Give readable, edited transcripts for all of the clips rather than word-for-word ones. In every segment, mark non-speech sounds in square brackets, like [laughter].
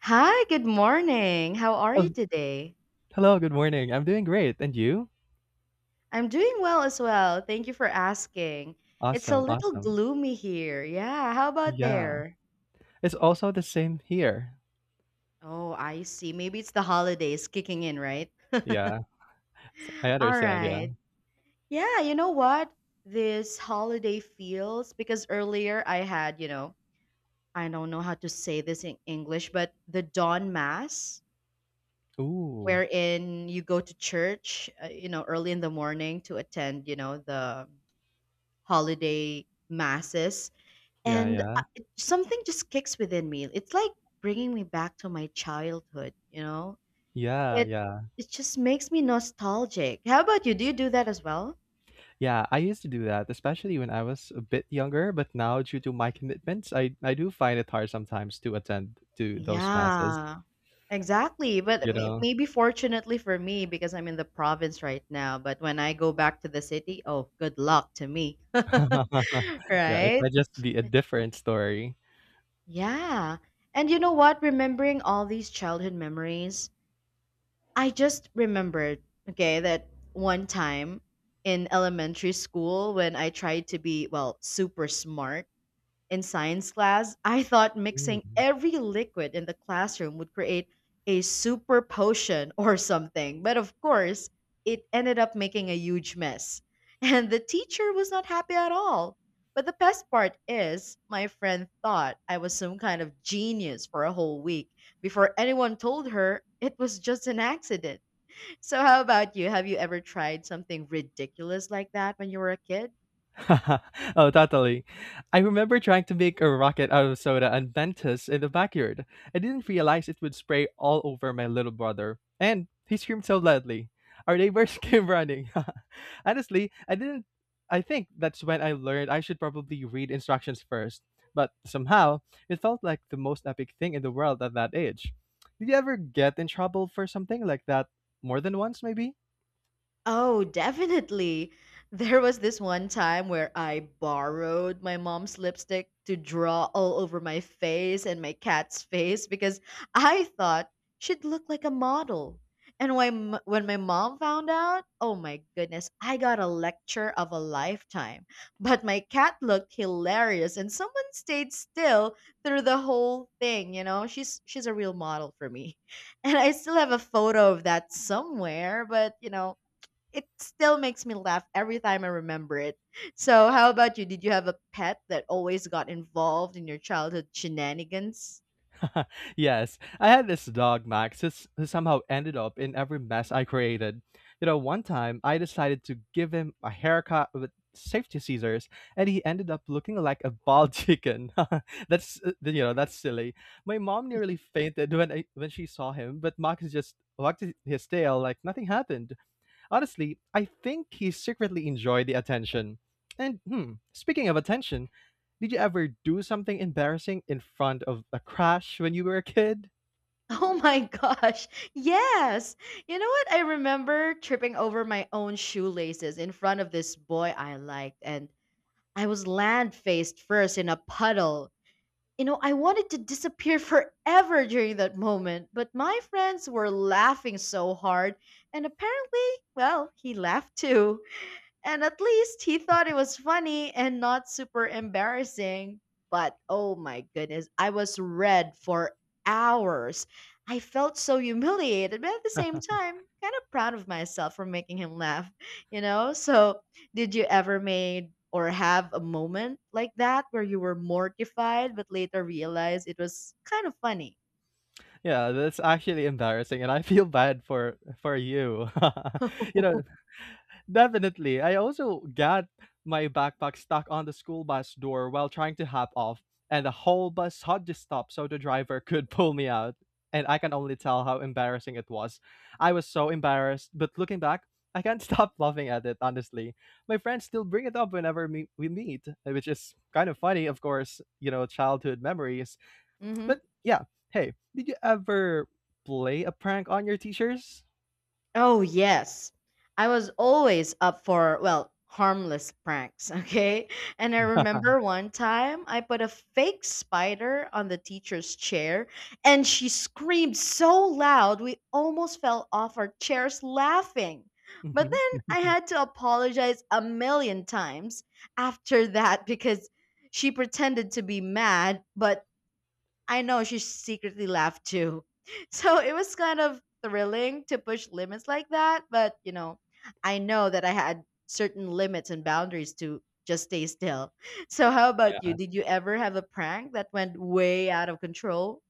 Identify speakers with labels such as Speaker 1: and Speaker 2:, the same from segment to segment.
Speaker 1: Hi, good morning. How are
Speaker 2: Oh,
Speaker 1: you today?
Speaker 2: hello, good morning. I'm doing great. And you?
Speaker 1: I'm doing well as well. Thank you for asking. It's a
Speaker 2: Awesome,
Speaker 1: little
Speaker 2: awesome.
Speaker 1: gloomy here. Yeah, how about
Speaker 2: Yeah.
Speaker 1: there?
Speaker 2: It's also the same here.
Speaker 1: Oh, I see. Maybe it's the holidays kicking in, right? [laughs]
Speaker 2: Yeah. I
Speaker 1: All
Speaker 2: understand, yeah.
Speaker 1: right. Yeah, you know what? This holiday feels because earlier I had, I don't know how to say this in English, but the dawn mass
Speaker 2: Ooh.
Speaker 1: wherein you go to church, early in the morning to attend, the holiday masses
Speaker 2: Yeah,
Speaker 1: and
Speaker 2: yeah.
Speaker 1: something just kicks within me. It's like bringing me back to my childhood
Speaker 2: Yeah,
Speaker 1: it
Speaker 2: yeah.
Speaker 1: it just makes me nostalgic. How about you? Do you do that as well?
Speaker 2: Yeah, I used to do that, especially when I was a bit younger, but now due to my commitments, I do find it hard sometimes to attend to those masses,
Speaker 1: Yeah, exactly. But
Speaker 2: you know.
Speaker 1: maybe fortunately for me, because I'm in the province right now. But when I go back to the city, oh, good luck to me. [laughs]
Speaker 2: [laughs] Yeah, it
Speaker 1: Right.
Speaker 2: might just be a different story.
Speaker 1: Yeah, and you know what? Remembering all these childhood memories, I just remembered, okay, that one time in elementary school when I tried to be, well, super smart in science class, I thought mixing
Speaker 2: Hmm.
Speaker 1: every liquid in the classroom would create a super potion [laughs] or something. But of course, it ended up making a huge mess. [laughs] And the teacher was not happy at all. But the best part is, my friend thought I was some kind of genius for a whole week before anyone told her it was just an accident. So, how about you? Have you ever tried something ridiculous like that when you were a kid?
Speaker 2: [laughs] Oh, totally. I remember trying to make a rocket out of soda and Mentos in the backyard. I didn't realize it would spray all over my little brother, and he screamed so loudly. Our neighbors [laughs] came running. [laughs] Honestly, I didn't. I think that's when I learned I should probably read instructions first. But somehow, it felt like the most epic thing in the world at that age. Did you ever get in trouble for something like that more than once, maybe?
Speaker 1: Oh, definitely. There was this one time where I borrowed my mom's lipstick to draw all over my face and my cat's face because I thought she'd look like a model. And when my mom found out, oh my goodness, I got a lecture of a lifetime. But my cat looked hilarious and someone stayed still through the whole thing, you know? She's a real model for me. [laughs] And I still have a photo of that somewhere, but you know, it still makes me laugh every time I remember it. So, how about you? Did you have a pet that always got involved in your childhood shenanigans?
Speaker 2: [laughs] Yes, I had this dog, Max, who somehow ended up in every mess I created. You know, one time I decided to give him a haircut with safety scissors, and he ended up looking like a bald [laughs] chicken. [laughs] That's you know, that's silly. My mom nearly
Speaker 1: [laughs]
Speaker 2: fainted when I, when she saw him, but Max just wagged his tail like nothing happened. Honestly, I think he secretly enjoyed the attention. And speaking of attention, did you ever do something embarrassing in front of a crush when you were a kid?
Speaker 1: Oh my gosh. Yes. You know what? I remember tripping over my own shoelaces in front of this boy I liked, and I was land faced first in a puddle. You know, I wanted to disappear forever during that moment, but my friends were laughing so hard, and apparently, well, he laughed too. And at least he thought it was funny and not super embarrassing. But oh my goodness, I was red for hours. I felt so humiliated, but at the same time, kind of proud of myself for making him laugh, you know? So, did you ever made or have a moment like that where you were mortified but later realized it was kind of funny?
Speaker 2: Yeah, that's actually embarrassing and I feel bad for you. [laughs] you know.
Speaker 1: [laughs]
Speaker 2: Definitely. I also got my backpack stuck on the school bus door while trying to hop off, and the whole bus had to stop so the driver [laughs] could pull me out. And I can only tell how embarrassing it was. I was so embarrassed, but looking back, I can't [laughs] stop laughing at it, honestly. My friends still bring it up whenever we meet, which is kind of funny, of course, you know, childhood memories. But
Speaker 1: Hmm.
Speaker 2: yeah, hey, did you ever play a prank on your teachers?
Speaker 1: Oh, yes. I was always up for, well, harmless pranks, [laughs] okay? And I remember one time I put a fake spider on the teacher's chair and she screamed so loud we almost fell off our chairs laughing. But
Speaker 2: Hmm.
Speaker 1: then I
Speaker 2: [laughs]
Speaker 1: had to apologize a million times after that because she pretended to be mad, but I know she secretly laughed too. [laughs] So it was kind of thrilling to push limits like that, but you know, I know that I had certain limits and boundaries to just stay still. [laughs] So how about you?
Speaker 2: Yeah.
Speaker 1: Did you ever have a prank that went way out of control?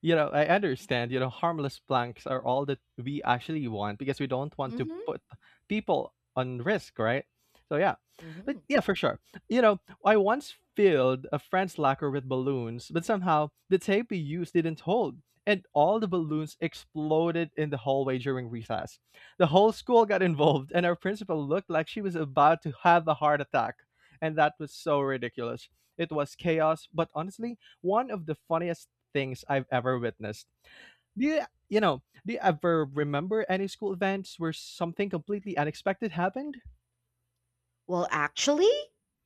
Speaker 2: You know, I understand, you know, harmless blanks are all that we actually want because we don't want to
Speaker 1: Mhm.
Speaker 2: put people on risk, right? So yeah. But
Speaker 1: Mhm.
Speaker 2: yeah, for sure. You know, I once filled a friend's locker with balloons, but somehow the tape we used didn't hold. And all the balloons exploded in the hallway during recess. The whole school got involved, and our principal looked like she was about to have a heart attack. And that was so ridiculous. It was chaos, but honestly, one of the funniest things I've ever witnessed. Do you, you know, do you ever remember any school events where something completely unexpected happened?
Speaker 1: Well, actually,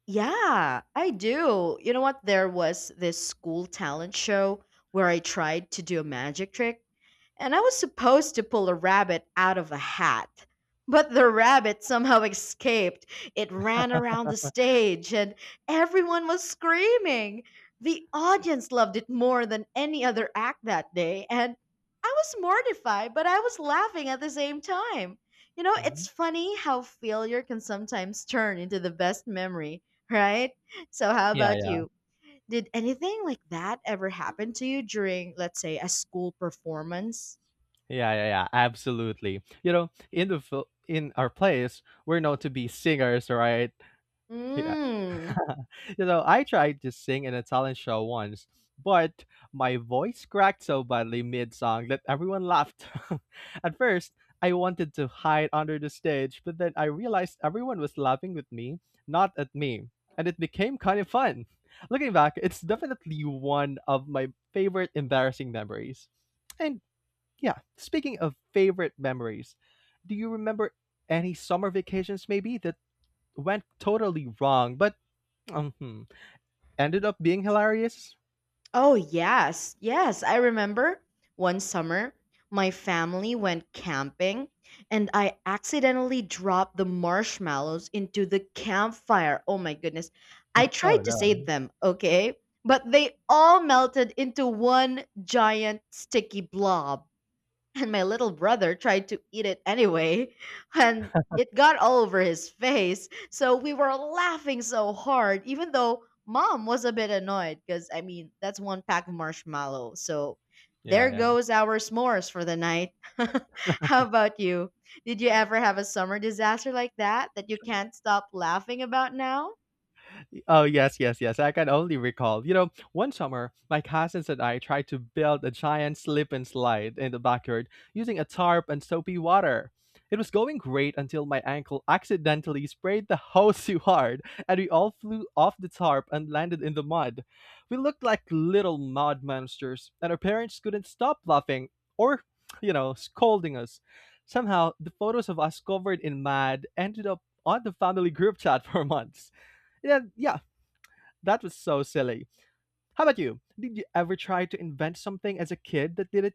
Speaker 1: yeah, I do. You know what? There was this school talent show where I tried to do a magic trick and I was supposed to pull a rabbit out of a hat. But the rabbit somehow [laughs] escaped. It ran around the stage, and everyone was screaming. The audience loved it more than any other act that day, and I was mortified, but I was laughing at the same time. You know, it's
Speaker 2: Mhm.
Speaker 1: funny how failure can sometimes turn into the best memory, right? So, how
Speaker 2: Yeah,
Speaker 1: about
Speaker 2: yeah,
Speaker 1: you? Did anything like that ever happen to you during, let's say, a school performance?
Speaker 2: yeah, yeah, yeah. Absolutely. You know, in our place, we're known to be singers, right? Yeah.
Speaker 1: Mm.
Speaker 2: [laughs] You know, I tried to sing in a talent show once, but my voice cracked so badly mid song that everyone laughed. [laughs] At first, I wanted to hide under the stage, but then I realized everyone was laughing with me, not at me. And it became kind of fun. [laughs] Looking back, it's definitely one of my favorite embarrassing memories. And yeah, speaking of favorite memories, do you remember any summer vacations maybe that went totally wrong, but Mhm. ended up being hilarious?
Speaker 1: Oh, yes. Yes, I remember one summer my family went camping and I accidentally dropped the marshmallows into the campfire. Oh my goodness. I
Speaker 2: Oh,
Speaker 1: tried to save
Speaker 2: no.
Speaker 1: them, okay? But they all melted into one giant sticky blob. And my little brother tried to eat it anyway, and it got all over his face. So we were laughing so hard, even though mom was a bit annoyed because, I mean, that's one pack of marshmallow. So
Speaker 2: Yeah,
Speaker 1: there
Speaker 2: yeah.
Speaker 1: goes our smores for the night. [laughs] How about you? Did you ever have a summer disaster like that that you can't stop laughing about now?
Speaker 2: Oh, yes, yes, yes. I can only recall. You know, one summer, my cousins and I tried to build a giant slip and slide in the backyard using a tarp and soapy water. It was going great until my ankle accidentally sprayed the [laughs] hose too hard, and we all flew off the tarp and landed in the mud. We looked like little mud monsters, and our parents couldn't stop laughing or, you know, scolding us. Somehow, the photos of us covered in mud ended up on the family group chat [laughs] for months. Yeah, yeah, that was so silly. How about you? Did you ever try to invent something as a kid that didn't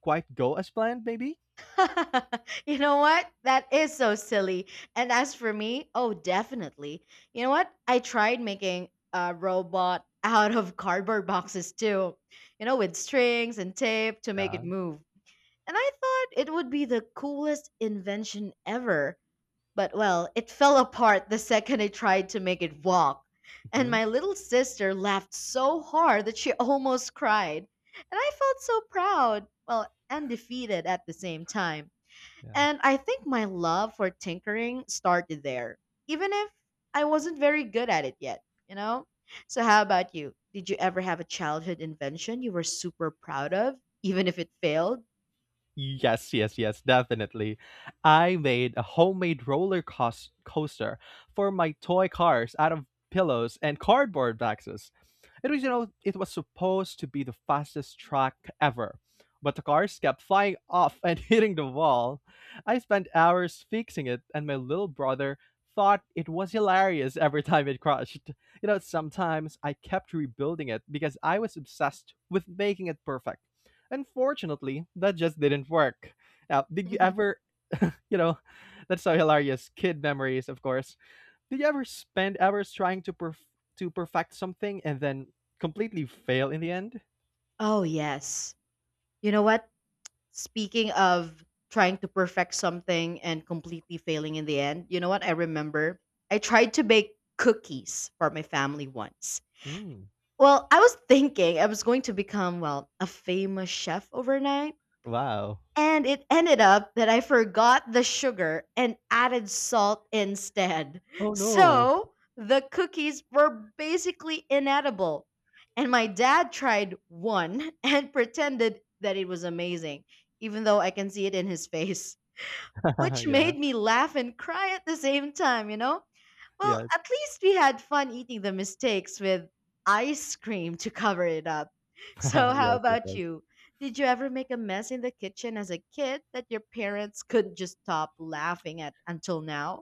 Speaker 2: quite go as planned, maybe?
Speaker 1: [laughs] You know what? That is so silly. And as for me, oh, definitely. You know what? I tried making a robot [laughs] out of cardboard boxes too, you know, with strings and tape to make it
Speaker 2: Yeah.
Speaker 1: move. And I thought it would be the coolest invention ever. But well, it fell apart the second I tried to make it walk. And
Speaker 2: Hmm.
Speaker 1: my little sister laughed so hard that she [laughs] almost cried. And I felt so proud, well, and defeated at the same time.
Speaker 2: Yeah.
Speaker 1: And I think my love for tinkering started there, even if I wasn't very good at it yet, you know? So, how about you? Did you ever have a childhood invention you were super proud of, even if it failed?
Speaker 2: Yes, yes, yes, definitely. I made a homemade coaster for my toy cars out of pillows and cardboard boxes. It was, you know, it was supposed to be the fastest track ever, but the cars kept flying off and [laughs] hitting the wall. I spent hours fixing it, and my little brother thought it was hilarious every time it crashed. You know, sometimes I kept rebuilding it because I was obsessed with making it perfect. Unfortunately, that just didn't work. Now, did you
Speaker 1: [laughs]
Speaker 2: ever, you know, [laughs] that's so hilarious. Kid memories, of course. Did you ever spend hours trying to to perfect something and then completely fail in the end?
Speaker 1: Oh, yes. You know what? Speaking of trying to perfect something and completely failing in the end, you know what? I remember I tried to bake cookies for my family once.
Speaker 2: Mm,
Speaker 1: Well, I was thinking I was going to become, well, a famous chef overnight.
Speaker 2: wow.
Speaker 1: And it ended up that I forgot the sugar and added salt instead.
Speaker 2: Oh no.
Speaker 1: So the cookies were basically inedible. And my dad tried one and [laughs] pretended that it was amazing, even though I can see it in his face,
Speaker 2: [laughs]
Speaker 1: which
Speaker 2: Yeah.
Speaker 1: made me laugh and cry at the same time, you know? Well,
Speaker 2: Yes.
Speaker 1: at least we had fun eating the mistakes with ice cream to cover it up. [laughs] So,
Speaker 2: [laughs]
Speaker 1: how
Speaker 2: Yes. Yes.
Speaker 1: about
Speaker 2: Yes.
Speaker 1: you? Did you ever make a mess in the kitchen as a kid that your parents couldn't just stop laughing at until now?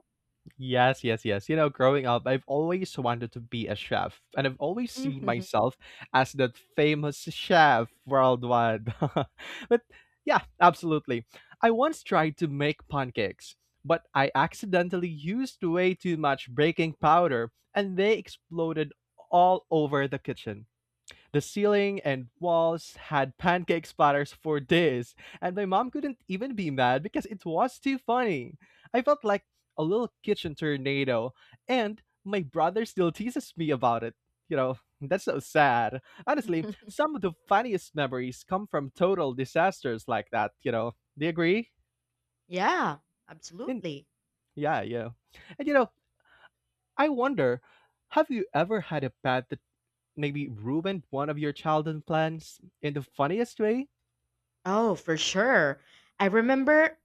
Speaker 2: Yes, yes, yes. You know, growing up, I've always wanted to be a chef, and I've always seen
Speaker 1: [laughs]
Speaker 2: myself as that famous chef worldwide. [laughs] But yeah, absolutely. I once tried to make pancakes, but I accidentally used way too much baking powder, and they exploded all over the kitchen. The ceiling and walls had pancake splatters for days, and my mom couldn't even be mad because it was too funny. I felt like a little kitchen tornado, and my brother still teases me about it. You know, [laughs] that's so sad. Honestly, some of the funniest memories come from total disasters like that, you know. Do you agree?
Speaker 1: Yeah,
Speaker 2: And
Speaker 1: absolutely.
Speaker 2: yeah, yeah. And you know, I wonder, have you ever had a bad maybe ruined one of your childhood plans in the funniest way?
Speaker 1: Oh, for sure. I remember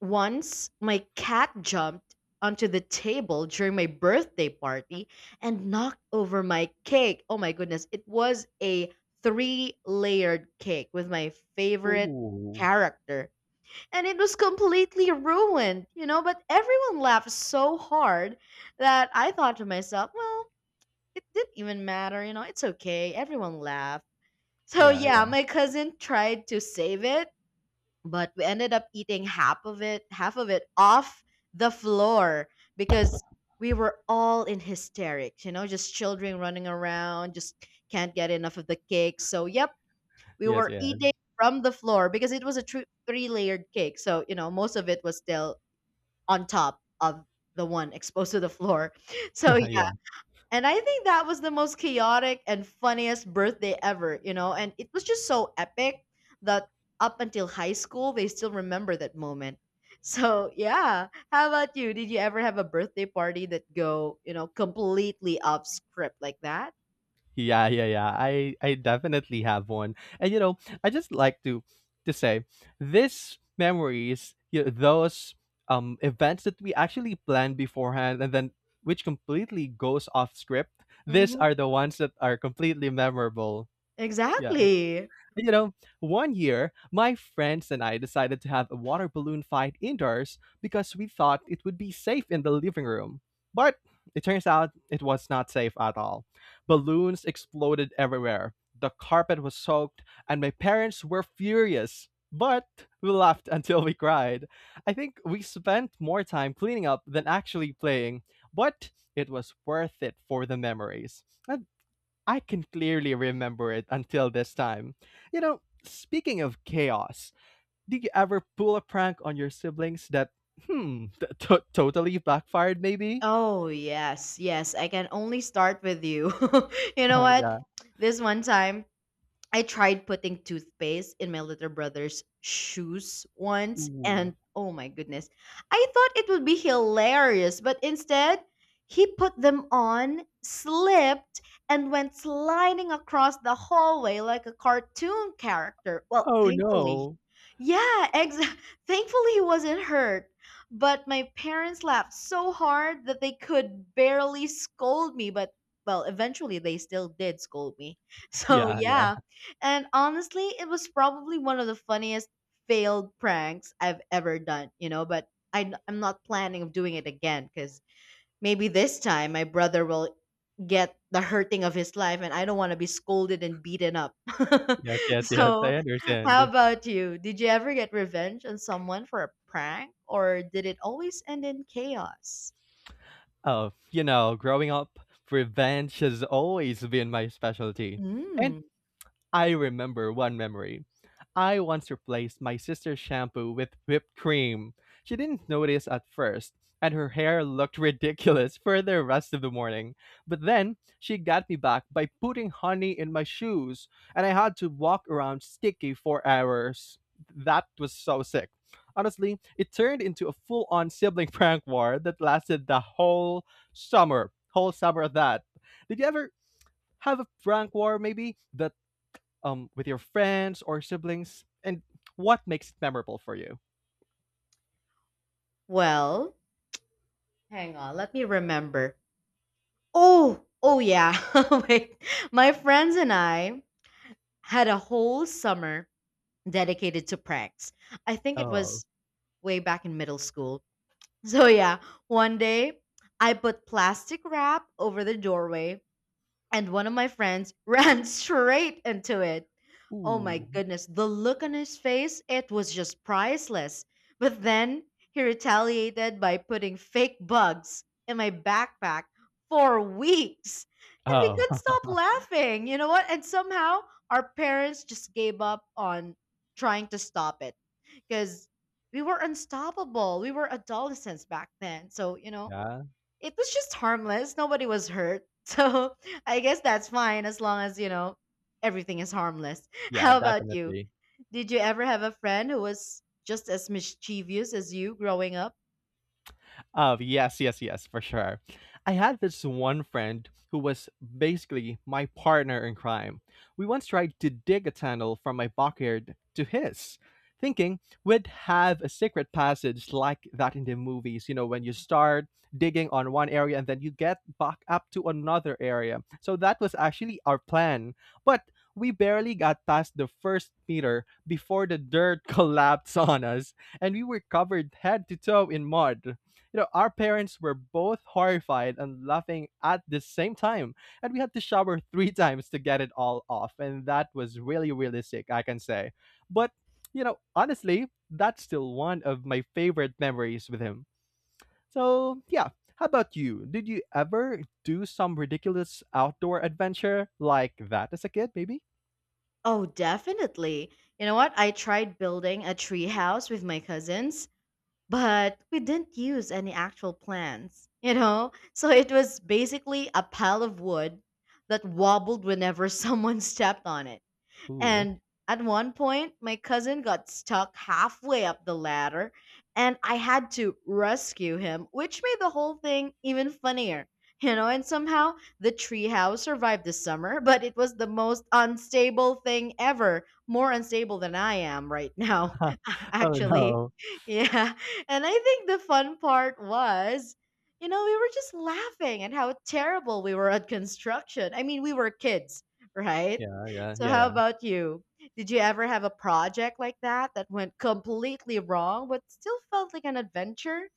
Speaker 1: once my cat jumped onto the table during my birthday party and knocked over my cake. Oh my goodness. It was a three layered cake with my favorite
Speaker 2: Oh,
Speaker 1: character. And it was completely ruined, you know, but everyone laughed so hard that I thought to myself, well, it didn't even matter, you know, it's okay. Everyone laughed. So
Speaker 2: yeah,
Speaker 1: yeah,
Speaker 2: yeah,
Speaker 1: my cousin tried to save it, but we ended up eating half of it, half of it off the floor, because we were all in hysterics, you know, just children running around just can't get enough of the cake. So yep, we
Speaker 2: yes,
Speaker 1: were
Speaker 2: yeah,
Speaker 1: eating from the floor because it was a three layered cake, so you know, most of it was still on top of the one exposed to the floor. [laughs] So
Speaker 2: [laughs]
Speaker 1: yeah,
Speaker 2: yeah.
Speaker 1: and I think that was the most chaotic and funniest birthday ever, you know? And it was just so epic that up until high school, they still remember that moment. [laughs] So, yeah. How about you? Did you ever have a birthday party that go, you know, completely off script like that?
Speaker 2: Yeah, yeah, yeah. I definitely have one. And you know, I just like to say these memories, you know, those events that we actually planned beforehand and then which completely goes off script, these
Speaker 1: Hmm.
Speaker 2: are the ones that are completely memorable. Yeah.
Speaker 1: Exactly.
Speaker 2: You know, one year, my friends and I decided to have a water balloon fight indoors because we thought it would be safe in the living room. But it turns out it was not safe at all. Balloons exploded everywhere. The carpet was soaked, and my parents were furious. But we laughed [laughs] until we cried. I think we spent more time cleaning up than actually playing, but it was worth it for the memories. And I can clearly remember it until this time. You know, speaking of chaos, did you ever pull a prank on your siblings that, totally backfired maybe?
Speaker 1: Oh, yes. Yes. I can only start with you. [laughs] You know what?
Speaker 2: Yeah.
Speaker 1: This one time, I tried putting toothpaste in my little brother's shoes once,
Speaker 2: Ooh.
Speaker 1: and oh my goodness, I thought it would be hilarious, but instead, he put them on, slipped, and went sliding across the hallway like a cartoon character. Well,
Speaker 2: Oh
Speaker 1: thankfully,
Speaker 2: no.
Speaker 1: yeah, [laughs] thankfully he wasn't hurt. But my parents laughed so hard that they could barely scold me, but well, eventually they still did scold me. [laughs] So,
Speaker 2: Yeah, yeah.
Speaker 1: yeah, and honestly, it was probably one of the funniest failed pranks I've ever done, you know, but I am not planning of doing it again because maybe this time my brother will get the hurting of his life and I don't want to be scolded and beaten up. [laughs]
Speaker 2: Yes, yes, yes.
Speaker 1: So,
Speaker 2: I
Speaker 1: how
Speaker 2: understand.
Speaker 1: about you? Did you ever get revenge on someone for a prank or did it always end in chaos?
Speaker 2: Oh, you know, growing up, revenge has always been my specialty. And
Speaker 1: Mm.
Speaker 2: I remember one memory. I once replaced my sister's shampoo with whipped cream. She didn't notice at first, and her hair looked ridiculous for the rest of the morning. But then she got me back by putting honey in my shoes, and I had to walk around sticky for hours. That was so sick. Honestly, it turned into a full on sibling [laughs] prank war that lasted the whole summer. Whole summer of that. Did you ever have a prank war maybe that with your friends or siblings? And what makes it memorable for you?
Speaker 1: Well, hang on, let me remember. Oh, oh yeah. [laughs] Wait, my friends and I had a whole summer dedicated to pranks. I think it
Speaker 2: Oh,
Speaker 1: was way back in middle school. So yeah, one day I put plastic wrap over the doorway and one of my friends [laughs] ran straight into it. Oh my
Speaker 2: ooh,
Speaker 1: goodness, the look on his face, it was just priceless. But then he retaliated by putting fake bugs in my backpack for weeks. And we
Speaker 2: oh,
Speaker 1: couldn't
Speaker 2: [laughs]
Speaker 1: stop laughing. You know what? And somehow our parents just gave up on trying to stop it because we were unstoppable. We were adolescents back then.
Speaker 2: yeah,
Speaker 1: It was just harmless. Nobody was hurt. [laughs] So I guess that's fine as long as, everything is harmless. [laughs]
Speaker 2: yeah,
Speaker 1: How about you?
Speaker 2: definitely.
Speaker 1: Did you ever have a friend who was just as mischievous as you growing up?
Speaker 2: Oh, yes, yes, yes, for sure. I had this one friend who was basically my partner in crime. We once tried to dig a tunnel from my backyard to his, thinking we'd have a secret passage like that in the movies, you know, when you start digging on one area and then you get back up to another area. So that was actually our plan. But we barely got past the first meter before the dirt [laughs] collapsed on us and we were covered head to toe in mud. You know, our parents were both horrified and laughing at the same time, and we had to shower three [laughs] times to get it all off, and that was really, really sick, I can say. But, you know, honestly, that's still one of my favorite memories with him. So, yeah, how about you? Did you ever do some ridiculous outdoor adventure like that as a kid, maybe?
Speaker 1: Oh, definitely. You know what? I tried building a tree house with my cousins, but we didn't use any actual plants, [laughs] So it was basically a pile of wood that wobbled whenever [laughs] someone stepped on it.
Speaker 2: Ooh.
Speaker 1: And at one point, my cousin got stuck halfway up the ladder, and I had to rescue him, which made the whole thing even funnier. You know, and somehow the treehouse survived the summer, but it was the most unstable thing ever. More unstable than I am right now, [laughs]
Speaker 2: [laughs] Oh
Speaker 1: actually.
Speaker 2: no.
Speaker 1: Yeah. And I think the fun part was, we were just laughing at how terrible we were at construction. I mean, we were kids, right?
Speaker 2: Yeah, yeah,
Speaker 1: So
Speaker 2: yeah,
Speaker 1: how
Speaker 2: yeah.
Speaker 1: about you? Did you ever have a project like that that went completely wrong but still felt like an adventure?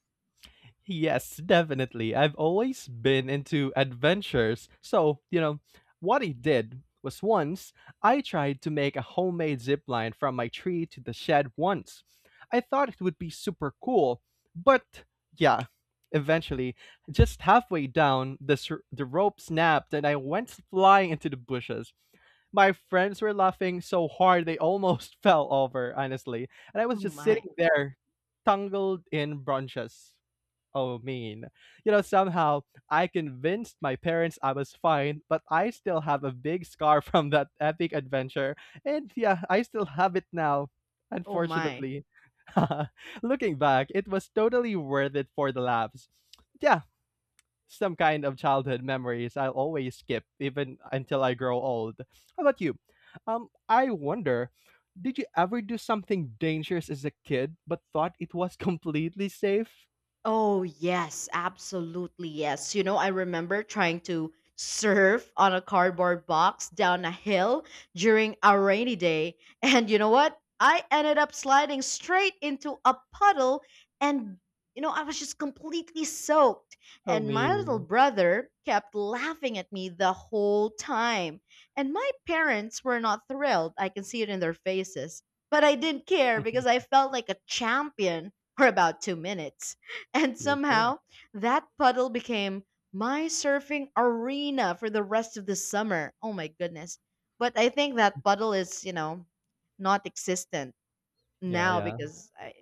Speaker 2: Yes, definitely. I've always been into adventures. So, you know, what I did was once I tried to make a homemade zip line from my tree to the shed once. I thought it would be super cool, but yeah, eventually, just halfway down, the rope snapped and I went flying into the bushes. My friends were laughing so hard they almost [laughs] fell over, honestly. And I was
Speaker 1: Oh
Speaker 2: just
Speaker 1: my.
Speaker 2: sitting there, tangled in branches oh mean. You know, somehow I convinced my parents I was fine, but I still have a big scar [laughs] from that epic adventure. And yeah, I still have it now.
Speaker 1: Oh my.
Speaker 2: Unfortunately, [laughs] looking back, it was totally worth it for the laughs. Yeah, some kind of childhood memories I'll always skip even until I grow old. How about you? I wonder, did you ever do something dangerous as a kid but thought it was [laughs] completely safe?
Speaker 1: Oh, yes, absolutely. Yes. You know, I remember trying to surf on a cardboard box down a hill during a rainy day. And you know what? I ended up sliding straight into a puddle and I was just completely soaked.
Speaker 2: Oh,
Speaker 1: And my little
Speaker 2: mean.
Speaker 1: brother kept laughing at me the whole time. And my parents were not thrilled. I can see it in their faces. But I didn't care because I
Speaker 2: [laughs]
Speaker 1: felt like a champion for about 2 minutes. And
Speaker 2: Yes, sir.
Speaker 1: somehow, that puddle became my surfing arena for the rest of the summer. Oh my goodness. But I think that puddle is, not existent
Speaker 2: Yeah, sure.
Speaker 1: now
Speaker 2: Yeah,
Speaker 1: because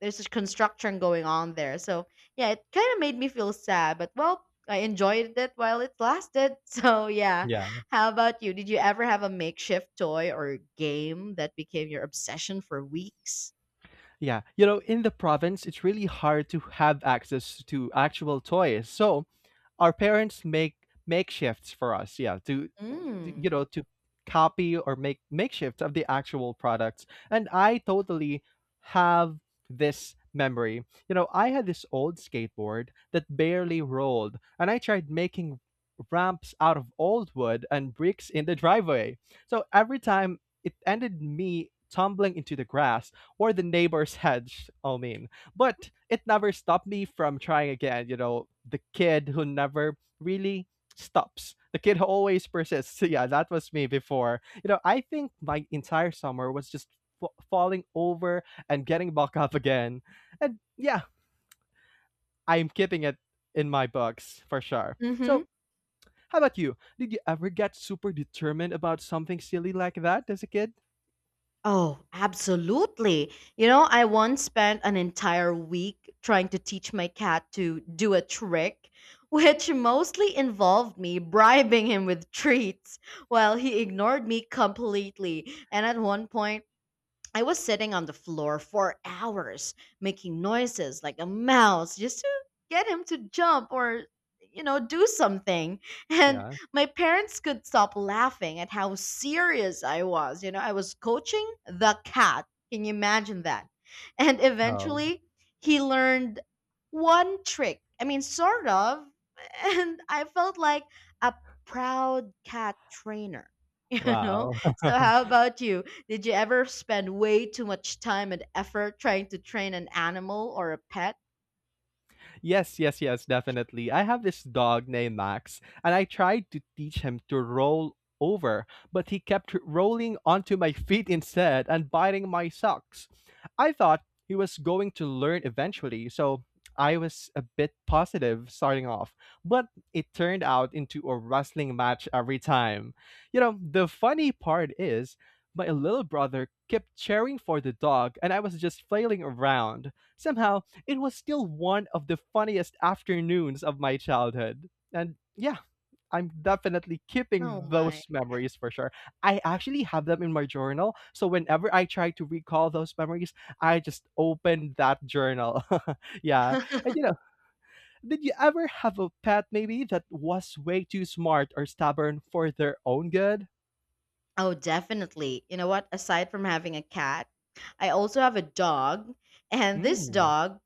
Speaker 1: there's this construction going on there. So, yeah, it kind of made me feel sad. But, well, I enjoyed it while it lasted. [laughs] So, yeah.
Speaker 2: yeah.
Speaker 1: How about you? Did you ever have a makeshift toy or game that became your obsession for weeks?
Speaker 2: Yeah, you know, in the province, it's really hard to have access to actual toys. So our parents make makeshifts for us, yeah, to
Speaker 1: Mm.
Speaker 2: to copy or make makeshifts of the actual products. And I totally have this memory. You know, I had this old skateboard that barely rolled, and I tried making ramps out of old wood and bricks in the driveway. So every time it ended me tumbling into the grass or the neighbor's [laughs] hedge, I mean. But it never stopped me from trying again. You know, the kid who never really stops. The kid [laughs] who always persists. [laughs] So yeah, that was me before. You know, I think my entire summer was just falling over and getting back up again. And yeah, I'm keeping it in my books for sure.
Speaker 1: Mm-hmm.
Speaker 2: So, how about you? Did you ever get super determined about something silly like that as a kid?
Speaker 1: Oh, absolutely. You know, I once spent an entire week trying to teach my cat to do a trick, [laughs] which mostly involved me bribing him with treats while he ignored me completely. And at one point, I was sitting on the floor for hours making noises like a mouse just to get him to jump or do something [laughs] and
Speaker 2: Yeah.
Speaker 1: my parents could stop laughing at how serious I was. You know, I was coaching the cat. Can you imagine that? [laughs] And
Speaker 2: Oh,
Speaker 1: eventually he learned one trick, I mean sort of, [laughs] and I felt like a proud cat trainer. [laughs] You know,
Speaker 2: wow. [laughs]
Speaker 1: so how about you? Did you ever spend way too much time and effort trying to train an animal or a pet?
Speaker 2: Yes, yes, yes, definitely. I have this dog named Max, and I tried to teach him to roll over, but he kept rolling onto my feet instead and biting my socks. I thought he was going to learn eventually, so I was a bit positive starting off, but it turned out into a wrestling match every time. You know, the funny part is, my little brother kept cheering for the dog, and I was just flailing around. Somehow, it was still one of the funniest afternoons of my childhood. And yeah, I'm definitely
Speaker 1: Oh
Speaker 2: keeping
Speaker 1: my.
Speaker 2: those memories for sure. I actually have them in my journal. So whenever I try to recall those memories, I just open that journal. [laughs] Yeah. And you know, did you ever have a pet maybe that was way too smart or stubborn for their own good?
Speaker 1: Oh, definitely. You know what? Aside from having a cat, I also have a dog. And this
Speaker 2: Mm.
Speaker 1: dog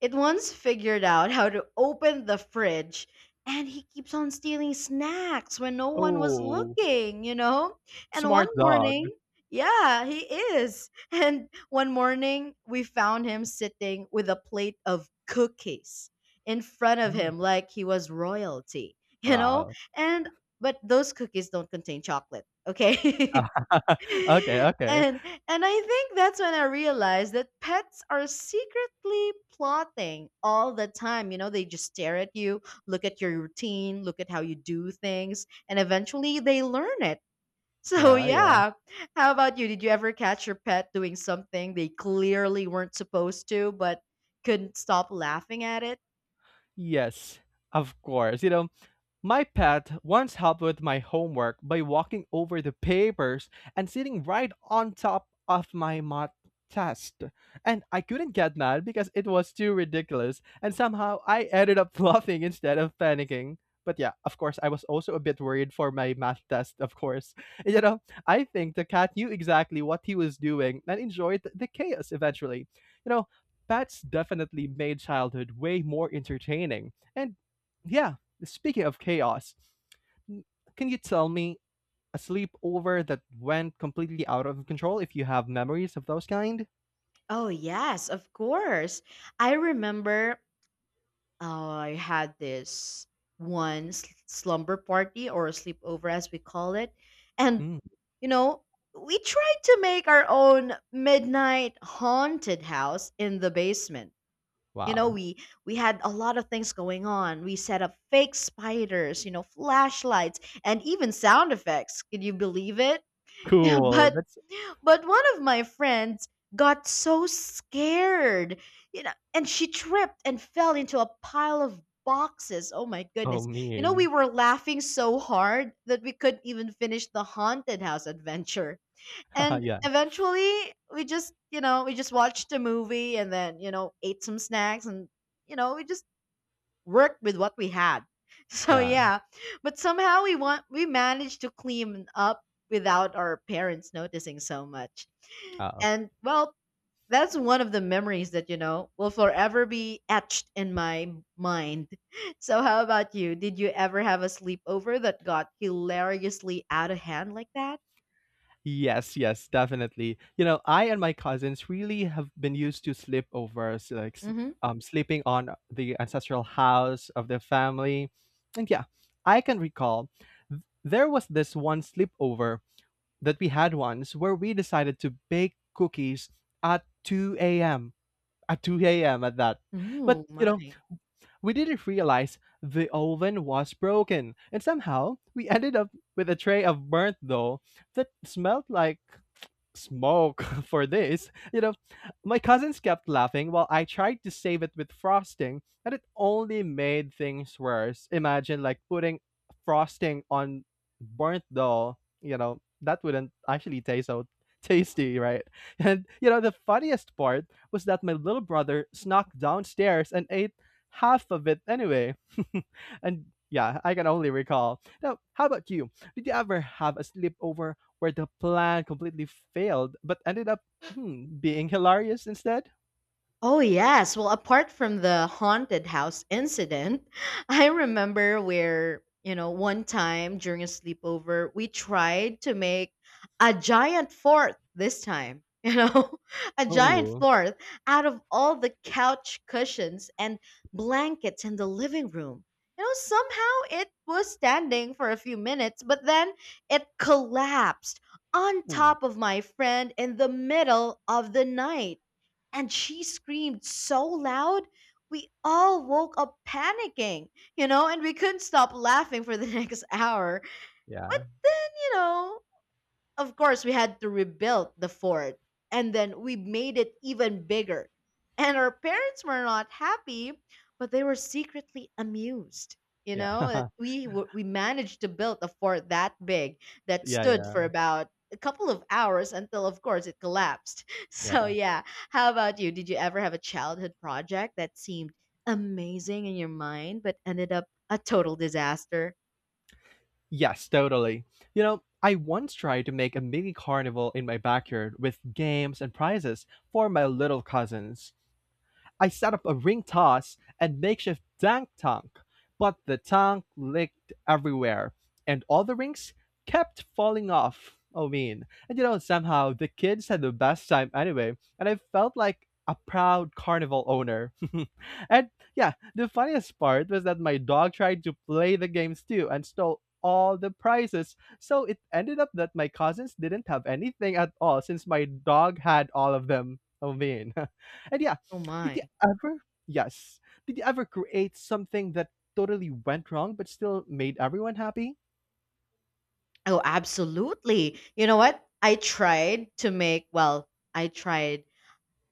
Speaker 1: it once figured out how to open the fridge and he keeps on stealing snacks when no one was
Speaker 2: Oh,
Speaker 1: looking, you know? And one
Speaker 2: smart dog.
Speaker 1: morning, yeah, he is. [laughs] And one morning, we found him sitting with a plate of cookies in front of
Speaker 2: Mm.
Speaker 1: him like he was royalty, [laughs] you know?
Speaker 2: Wow.
Speaker 1: And but those cookies don't contain chocolate, okay? [laughs]
Speaker 2: [laughs] Okay,
Speaker 1: [laughs]
Speaker 2: okay.
Speaker 1: And I think that's when I realized that pets are secretly plotting all the time. You know, they just stare at you, look at your routine, look at how you do things, and eventually they learn it. [laughs] So
Speaker 2: Yeah, yeah.
Speaker 1: yeah. How about you? Did you ever catch your pet doing something they clearly weren't supposed to but couldn't stop laughing at it?
Speaker 2: Yes, of course. You know, my pet once helped with my homework by walking over the papers and sitting right on top of my math test. And I couldn't get mad because it was too ridiculous, and somehow I ended up [laughs] laughing instead of panicking. But yeah, of course, I was also a bit worried for my math test, of course. [laughs] You know, I think the cat knew exactly what he was doing and enjoyed the chaos eventually. You know, pets definitely made childhood way more entertaining. And yeah, speaking of chaos, can you tell me a sleepover that went completely out of control if you have memories of those kind?
Speaker 1: Oh, yes, of course. I remember I had this slumber party or sleepover, as we call it. And,
Speaker 2: Mm,
Speaker 1: you know, we tried to make our own midnight haunted house in the basement. You know,
Speaker 2: wow.
Speaker 1: we had a lot of things going on. We set up fake spiders, you know, flashlights, and even sound effects. Can you believe it? [laughs]
Speaker 2: Cool.
Speaker 1: but
Speaker 2: That's
Speaker 1: but one of my friends got so scared, you know, and she tripped and fell into a pile of boxes. Oh my
Speaker 2: so
Speaker 1: goodness. You know, we
Speaker 2: mean.
Speaker 1: were laughing so hard that we couldn't even finish the haunted house adventure.
Speaker 2: [laughs]
Speaker 1: And
Speaker 2: Yeah,
Speaker 1: eventually, we just watched a movie and then, ate some snacks and, we just worked with what we had. [laughs] So
Speaker 2: yeah.
Speaker 1: yeah, but somehow we managed to clean up without our parents noticing so much.
Speaker 2: Uh,
Speaker 1: And well, that's one of the memories that, you know, will forever be etched in my mind. [laughs] So, how about you? Did you ever have a sleepover that got hilariously out of hand like that?
Speaker 2: yes, yes, definitely. You know, I and my cousins really have been used to sleepovers, like
Speaker 1: Mm-hmm.
Speaker 2: sleeping on the ancestral house of the family. And yeah, I can recall there was this one sleepover that we had once where we decided to bake cookies at 2 a.m. At 2 a.m. at that. But,
Speaker 1: Oh,
Speaker 2: you know,
Speaker 1: my.
Speaker 2: we didn't realize the oven was broken. And somehow we ended up with a tray of burnt dough that smelled like smoke. [laughs] For this, you know, my cousins kept laughing while I tried to save it with frosting, and it only made things worse. Imagine like putting frosting on burnt dough, you know, that wouldn't actually taste so tasty, right? [laughs] And you know, the funniest part was that my little brother snuck downstairs and ate half of it anyway. [laughs] And yeah, I can only recall. Now, how about you? Did you ever have a sleepover where the plan completely failed but ended up, hmm, being hilarious instead?
Speaker 1: Oh, yes. Well, apart from the haunted house incident, [laughs] I remember where, you know, one time during a sleepover, we tried to make a giant fort this time, [laughs] you know, a giant
Speaker 2: Oh,
Speaker 1: fort out of all the couch cushions and blankets in the living room. You know, somehow it was standing for a few minutes, but then it collapsed on
Speaker 2: oh,
Speaker 1: top of my friend in the middle of the night and she screamed so loud we all woke up panicking. You know, and we couldn't stop laughing for the [laughs] next hour. But
Speaker 2: yeah.
Speaker 1: you know, of course, we had to rebuild the fort, and then we made it even bigger. And our parents were not happy, but they were secretly amused. You know, that
Speaker 2: Yeah. [laughs]
Speaker 1: we managed to build a fort that big that
Speaker 2: Yeah,
Speaker 1: stood
Speaker 2: yeah,
Speaker 1: for about a couple of hours until, of course, it collapsed. [laughs] So
Speaker 2: yeah.
Speaker 1: yeah, how about you? Did you ever have a childhood project that seemed amazing in your mind but ended up a total disaster?
Speaker 2: Yes, totally. You know, I once tried to make a mini carnival in my backyard with games and prizes for my little cousins. I set up a ring toss and makeshift dang tank, but the tank leaked everywhere, and all the rings kept falling off, I mean. And you know, somehow the kids had the best time anyway, and I felt like a proud carnival owner. [laughs] And yeah, the funniest part was that my dog tried to play the games too and stole all the prizes. So it ended up that my cousins didn't have anything at all since my dog had all of them, I mean. [laughs] And yeah,
Speaker 1: Oh
Speaker 2: did you
Speaker 1: my!
Speaker 2: ever? Yes. Did you ever create something that totally went wrong but still made everyone happy?
Speaker 1: Oh, absolutely. You know what? I tried to make, well, I tried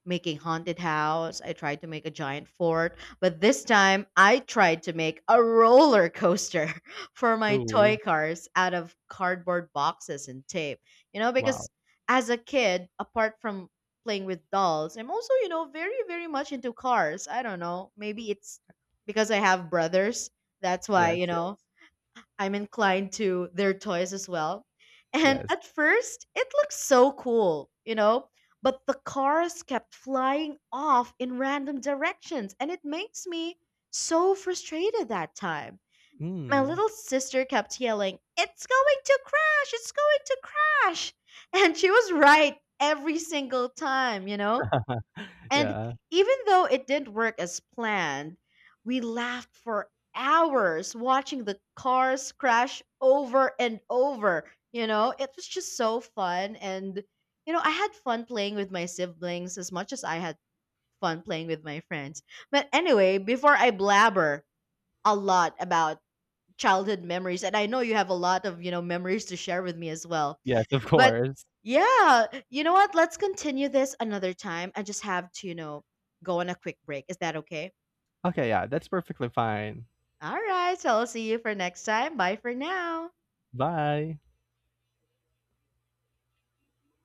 Speaker 1: making haunted house. I tried to make a giant fort, but this time I tried to make a roller coaster [laughs] for my toy
Speaker 2: Oh,
Speaker 1: cars out of cardboard boxes and tape. You know, because
Speaker 2: wow.
Speaker 1: as a kid, apart from playing with dolls, I'm also, you know, very much into cars. I don't know. Maybe it's because I have brothers. That's why,
Speaker 2: Yes, yes.
Speaker 1: I'm inclined to their toys as well. And
Speaker 2: Yes.
Speaker 1: at first, it looked so cool, you know, but the cars kept flying off in random directions, and it makes me so frustrated that time. My
Speaker 2: Mm.
Speaker 1: little sister kept yelling, "It's going to crash! It's going to crash!" [laughs] And she was right every single time, you know? And
Speaker 2: Yeah.
Speaker 1: even though it didn't work as planned, we laughed for hours watching the cars crash over and over. You know, it was just so fun. And, you know, I had fun playing with my siblings as much as I had fun playing with my friends. But anyway, before I blabber a lot about childhood memories, and I know you have a lot of, you know, memories to share with me as well,
Speaker 2: Yes, of
Speaker 1: but
Speaker 2: course.
Speaker 1: yeah, you know what? Let's continue this another time. I just have to, you know, go on a quick break. Is that okay?
Speaker 2: Okay, yeah, that's perfectly fine.
Speaker 1: All right. So I'll see you for next time. Bye for now.
Speaker 2: Bye.